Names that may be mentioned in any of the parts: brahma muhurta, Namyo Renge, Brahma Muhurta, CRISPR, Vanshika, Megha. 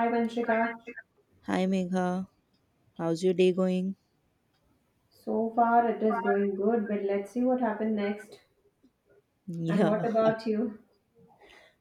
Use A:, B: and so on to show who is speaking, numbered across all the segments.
A: Hi Vanshika.
B: Hi Megha, how's your day going?
A: So far it is going good, but let's see what happened next. And what
B: Yeah,
A: about you?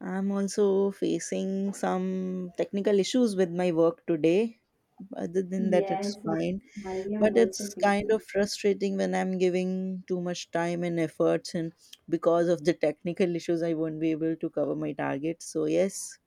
B: I'm also facing some technical issues with my work today. Other than that, it's
A: Yes, yes,
B: fine.
A: I am
B: But
A: also
B: it's kind
A: facing.
B: of frustrating when I'm giving too much time and efforts, and because of the technical issues, I won't be able to cover my target. So, yes,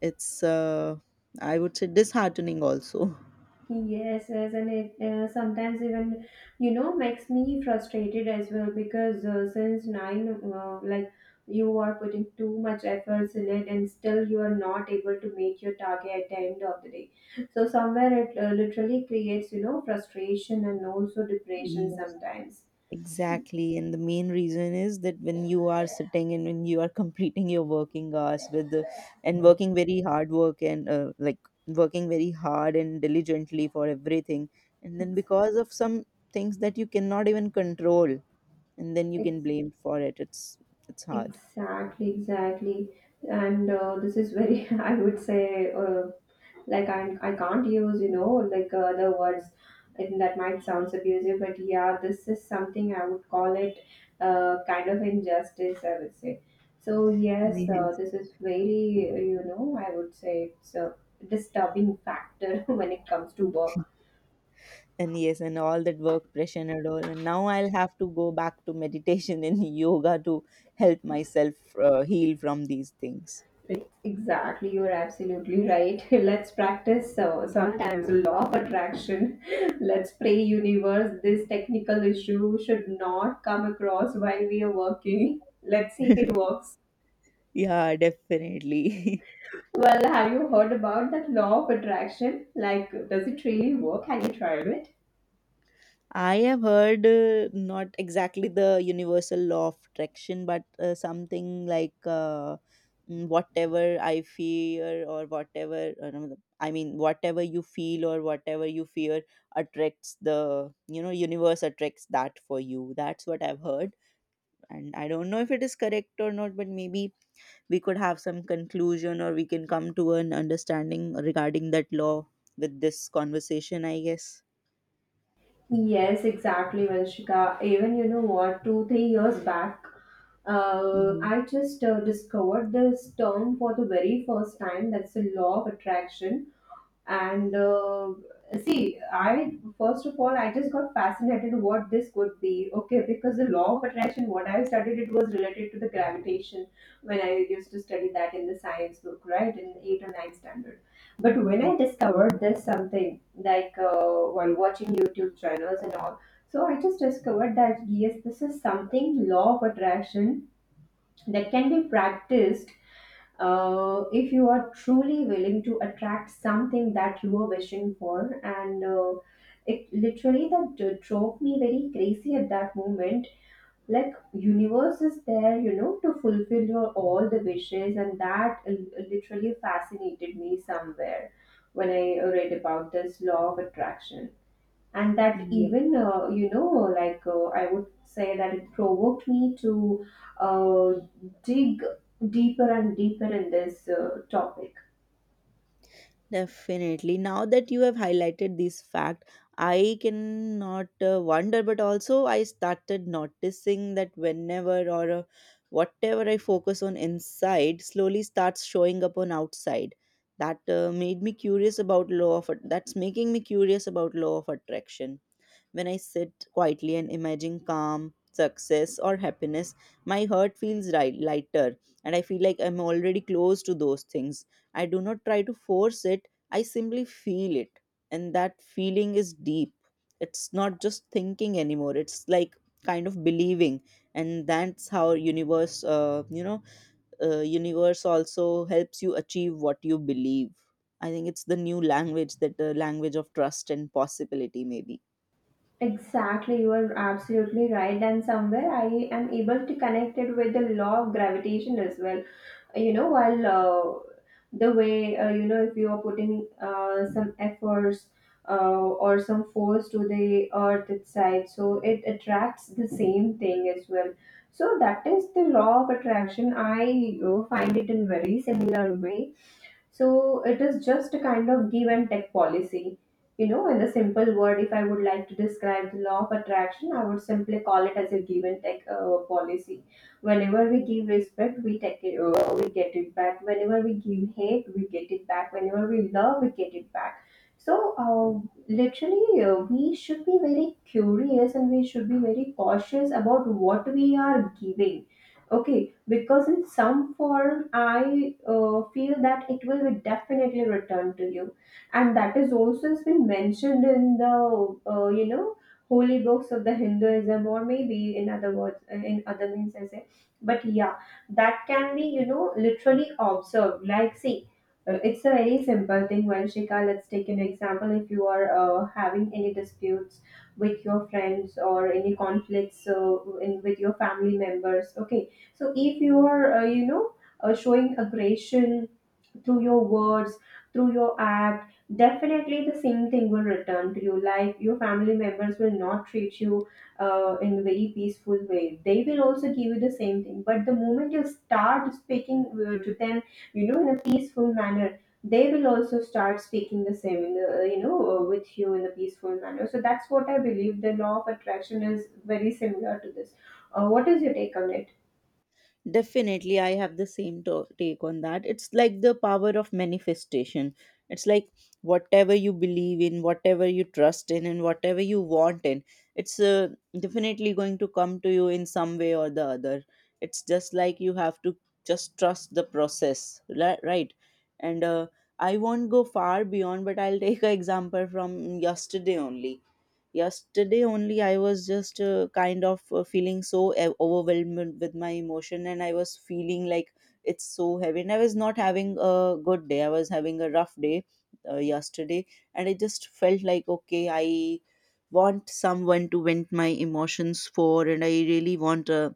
B: it's, I would say, disheartening also.
A: Yes, yes, and it sometimes even makes me frustrated as well because since nine, like you are putting too much efforts in it and still you are not able to make your target at the end of the day. So somewhere it literally creates frustration and also depression
B: Mm.
A: sometimes.
B: Exactly. And the main reason is that when you are sitting and when you are completing your working hours and working very hard work and like working very hard and diligently for everything. And then because of some things that you cannot even control, and then you can
A: Exactly.
B: blame for it. It's hard.
A: Exactly, exactly. And this is very, I would say, like I can't use, like other words, and that might sound abusive, but yeah, this is something I would call it kind of injustice, I would say. So, yes,
B: Yes.
A: this is very, I would say it's a disturbing factor when it comes to work.
B: And yes, and all that work pressure and all. And now I'll have to go back to meditation and yoga to help myself heal from these things.
A: Exactly, you're absolutely right. Let's practice so sometimes law of attraction. Let's pray universe this technical issue should not come across while we are working. Let's see if it works.
B: Yeah, definitely.
A: Well, have you heard about that law of attraction? Like, does it really work? Have you tried it?
B: I have heard not exactly the universal law of attraction, but something like whatever I fear or whatever, no, I mean, whatever you feel or whatever you fear attracts universe attracts that for you. That's what I've heard. And I don't know if it is correct or not, but maybe we could have some conclusion or we can come to an understanding regarding that law with this conversation, I guess.
A: Yes, exactly, Vanshika. Even, you know what, two, 3 years back,
B: Mhm.
A: I just discovered this term for the very first time. That's the law of attraction. And see, I, first of all, I just got fascinated what this could be. Okay, because the law of attraction, what I studied, it was related to the gravitation when I used to study that in the science book, right, in 8 or 9 standard. But when I
B: Okay.
A: discovered this something like while watching YouTube channels and all, so I just discovered that yes, this is something law of attraction that can be practiced, if you are truly willing to attract something that you are wishing for. And it literally drove me very crazy at that moment, like universe is there to fulfill your all the wishes. And that literally fascinated me somewhere when I read about this law of attraction. And that
B: Yeah,
A: even, like, I would say that it provoked me to uh, dig deeper and deeper in this topic.
B: definitely. Now that you have highlighted this fact, I cannot wonder, but also I started noticing that whenever or whatever I focus on inside slowly starts showing up on outside. That made me curious about that's making me curious about law of attraction. When I sit quietly and imagine calm, success, or happiness, my heart feels right, lighter, and I feel like I'm already close to those things. I do not try to force it, I simply feel it. And that feeling is deep. It's not just thinking anymore, it's like kind of believing, and that's how universe also helps you achieve what you believe. I think it's the new language, that the language of trust and possibility maybe.
A: Exactly, you are absolutely right. And somewhere I am able to connect it with the law of gravitation as well, while, the way, if you are putting some efforts, or some force to the earth itself, so it attracts the same thing as well. So that is the law of attraction, I find it in very similar way. So it is just a kind of give and take policy. In a simple word, if I would like to describe the law of attraction, I would simply call it as a give and take policy. Whenever we give respect, we take it, we get it back. Whenever we give hate, we get it back. Whenever we love, we get it back. So, literally, we should be very curious and we should be very cautious about what we are giving. Okay, because in some form, I feel that it will be definitely returned to you. And that is also has been mentioned in the uh, you know holy books of the Hinduism, or maybe in other words, in other means I say. But yeah, that can be literally observed, like see, it's a very simple thing, Vanshika. Let's take an example. If you are having any disputes with your friends, or any conflicts, in with your family members, okay, so if you are, showing aggression through your words, through your act, definitely the same thing will return to you. Like your family members will not treat you in a very peaceful way. They will also give you the same thing. But the moment you start speaking to them, in a peaceful manner, they will also start speaking the same, in the, with you in a peaceful manner. So that's what I believe. The law of attraction is very similar to this. What is your take on it?
B: Definitely, I have the same take on that. It's like the power of manifestation. It's like whatever you believe in, whatever you trust in, and whatever you want in, it's definitely going to come to you in some way or the other. It's just like you have to just trust the process, right? And I won't go far beyond, but I'll take an example from yesterday only. yesterday only. I was just kind of feeling so overwhelmed with my emotion, and I was feeling like it's so heavy. And I was not having a good day, I was having a rough day yesterday. And I just felt like, okay, I want someone to vent my emotions for, and I really want a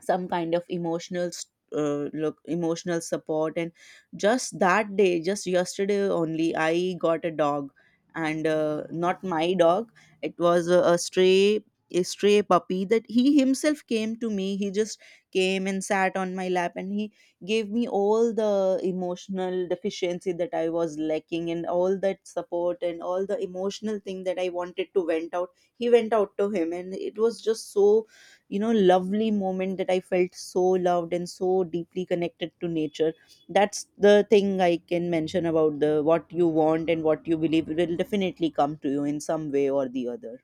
B: some kind of emotional support. And just that day, just yesterday only, I got a dog. And not my dog, it was a stray, a stray puppy that he himself came to me. He just came and sat on my lap, and he gave me all the emotional deficiency that I was lacking, and all that support and all the emotional thing that I wanted to vent out, he went out to him. And it was just so lovely moment, that I felt so loved and so deeply connected to nature. That's the thing I can mention about the what you want and what you believe will definitely come to you in some way or the other.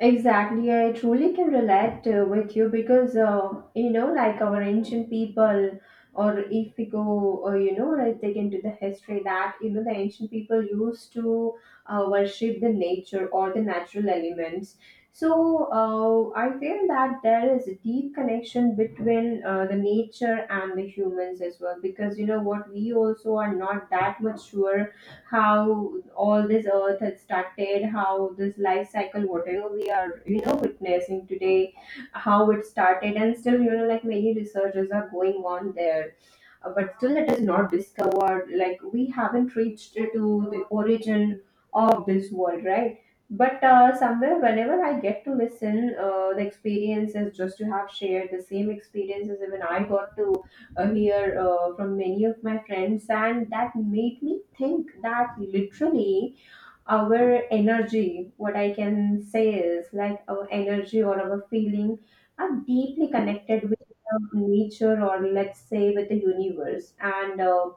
A: Exactly, I truly can relate with you because, like our ancient people, or if we go, like, take into the history that the ancient people used to worship the nature or the natural elements. So I feel that there is a deep connection between the nature and the humans as well, because you know what, we also are not that much sure how all this earth had started, how this life cycle, whatever we are, witnessing today, how it started, and still, like many researchers are going on there, but still it is not discovered, like we haven't reached to the origin of this world, right. But somewhere whenever I get to listen the experiences, just to have shared the same experiences, even I got to hear from many of my friends, and that made me think that literally our energy, what I can say is like our energy or our feeling are deeply connected with nature, or let's say with the universe. And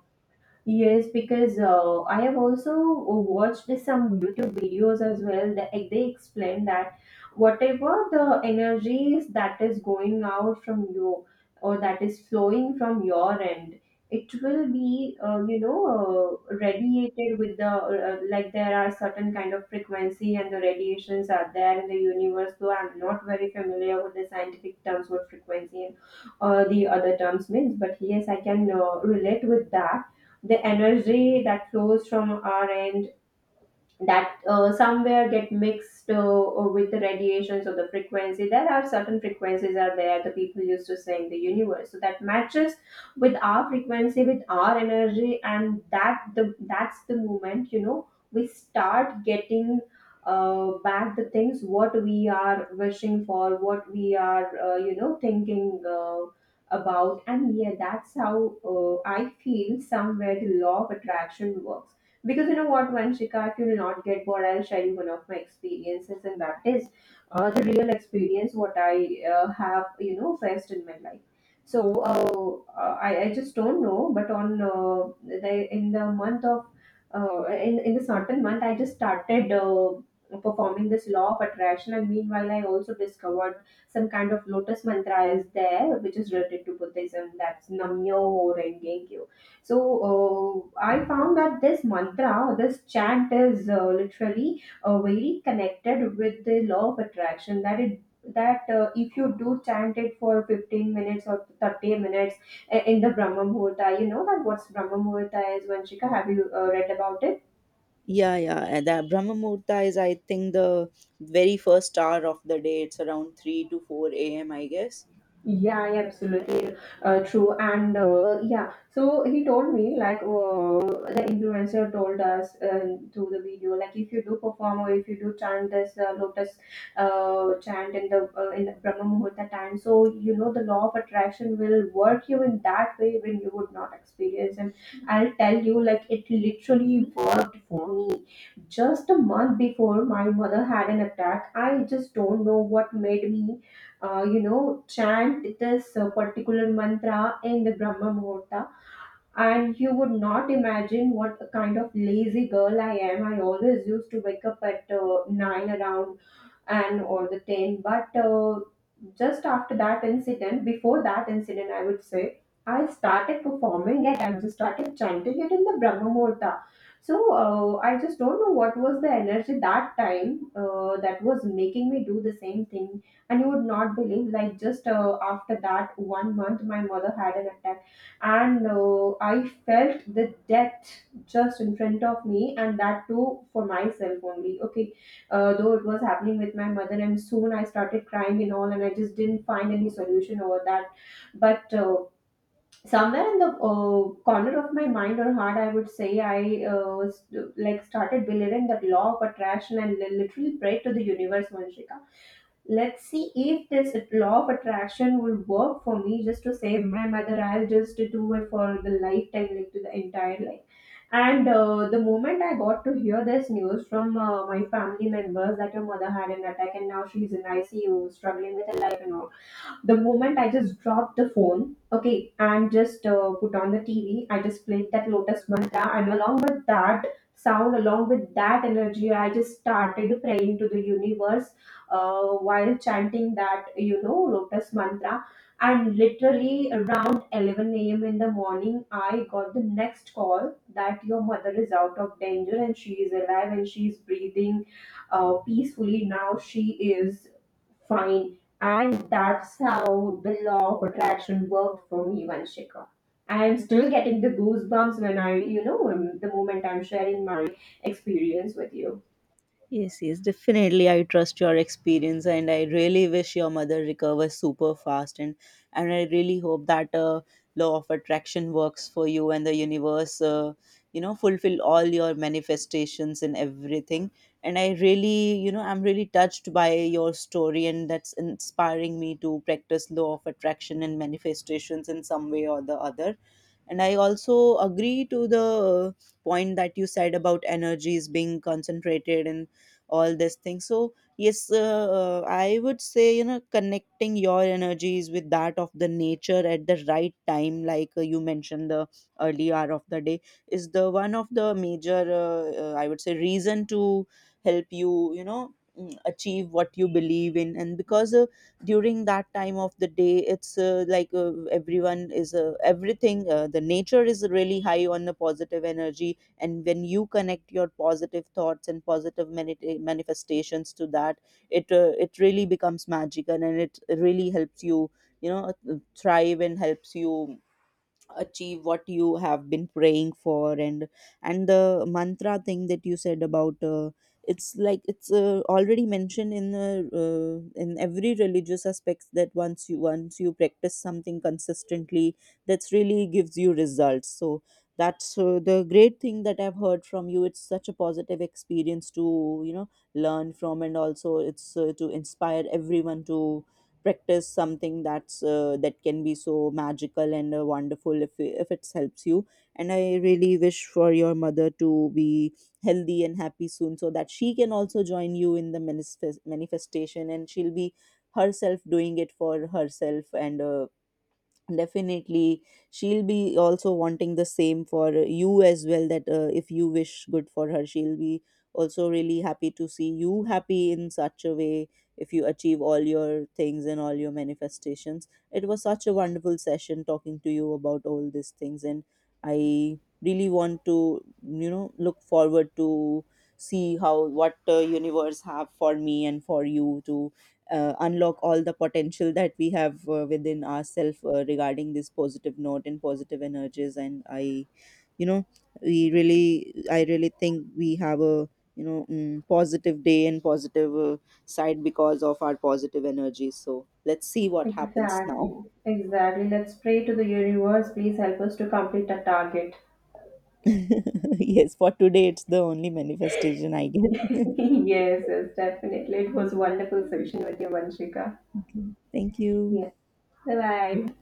A: yes, because I have also watched some YouTube videos as well that like, they explain that whatever the energies that is going out from you or that is flowing from your end, it will be radiated with the, like there are certain kind of frequency and the radiations are there in the universe. Though I'm not very familiar with the scientific terms what frequency and the other terms means, but yes, I can relate with that the energy that flows from our end that somewhere get mixed with the radiations or the frequency. There are certain frequencies are there, the people used to say in the universe, so that matches with our frequency, with our energy, and that the that's the moment, we start getting back the things what we are wishing for, what we are, thinking about. And yeah, that's how I feel somewhere the law of attraction works. Because you know what, Vanshika, if you will not get bored, I'll share you one of my experiences, and that is the real experience what I have, faced in my life. So I just don't know, but on the month of, in the certain month, I just started performing this law of attraction, and meanwhile, I also discovered some kind of lotus mantra is there, which is related to Buddhism. That's Namyo Renge. So I found that this mantra, or this chant, is literally very connected with the law of attraction. That if you do chant it for 15 minutes or 30 minutes in the Brahma Muhurta, you know that what's Brahma Muhurta is, Vanshika. Have you read about it?
B: Yeah, yeah, and that Brahma Muhurta is, I think, the very first hour of the day, it's around 3 to 4 a.m, I guess.
A: Yeah, yeah, absolutely true. And yeah, so he told me, like, the influencer told us through the video, like if you do perform or if you do chant this lotus chant in the in the Brahma Muhurta time, so you know the law of attraction will work you in that way when you would not experience. And I'll tell you, like it literally worked for me. Just a month before my mother had an attack, I just don't know what made me chant this particular mantra in the Brahma Muhurta, and you would not imagine what a kind of lazy girl I am. I always used to wake up at nine around and all the 10, but just after that incident, before that incident, I would say, I started performing it. I just started chanting it in the Brahma Muhurta. So I just don't know what was the energy that time that was making me do the same thing. And you would not believe, like just after that 1 month, my mother had an attack, and I felt the death just in front of me, and that too for myself only. Okay, though it was happening with my mother, and soon I started crying and all, and I just didn't find any solution over that. But somewhere in the corner of my mind or heart, I would say, I like started believing that law of attraction, and literally prayed to the universe, Vanshika, let's see if this law of attraction will work for me. Just to save my mother, I'll just do it for the lifetime, like to the entire life. And the moment I got to hear this news from my family members that your mother had an attack and now she's in ICU struggling with her life and all, the moment I just dropped the phone. Okay, and just put on the TV, I just played that Lotus Mantra, and along with that sound, along with that energy, I just started praying to the universe, while chanting that, Lotus Mantra. And literally around 11 a.m. in the morning, I got the next call that your mother is out of danger and she is alive and she is breathing peacefully now. She is fine, and that's how the law of attraction worked for me, Vanshika. I'm still getting the goosebumps when I, the moment I'm sharing my experience with you.
B: Yes, yes, definitely. I trust your experience, and I really wish your mother recovers super fast. And I really hope that law of attraction works for you, and the universe, fulfill all your manifestations and everything. And I'm really touched by your story, and that's inspiring me to practice law of attraction and manifestations in some way or the other. And I also agree to the point that you said about energies being concentrated and all this thing. So yes, I would say, connecting your energies with that of the nature at the right time, like, you mentioned, the early hour of the day is the one of the major I would say reason to help you, achieve what you believe in. And because during that time of the day, it's like, everyone is everything the nature is really high on the positive energy. And when you connect your positive thoughts and positive manifestations to that, it really becomes magical, and it really helps you, you know thrive, and helps you achieve what you have been praying for. And the mantra thing that you said about, it's like it's already mentioned in every religious aspects, that once you practice something consistently, that's really gives you results. So that's the great thing that I've heard from you. It's such a positive experience, to learn from, and also it's to inspire everyone to practice something that can be so magical and wonderful if it helps you. And I really wish for your mother to be healthy and happy soon, so that she can also join you in the manifestation, and she'll be herself doing it for herself. And definitely, she'll be also wanting the same for you as well. That if you wish good for her, she'll be also really happy to see you happy in such a way. If you achieve all your things and all your manifestations, it was such a wonderful session talking to you about all these things. And I really want to, you know, look forward to see how what universe have for me and for you to unlock all the potential that we have within ourselves, regarding this positive note and positive energies. And I you know we really I really think we have a, positive day and positive side because of our positive energy. So let's see what happens now.
A: Exactly, exactly. Let's pray to the universe. Please help us to complete our target.
B: Yes, for today it's the only manifestation, I guess.
A: Yes, yes, definitely. It was a wonderful session with you, Vanshika.
B: Okay. Thank you.
A: Yes, bye bye.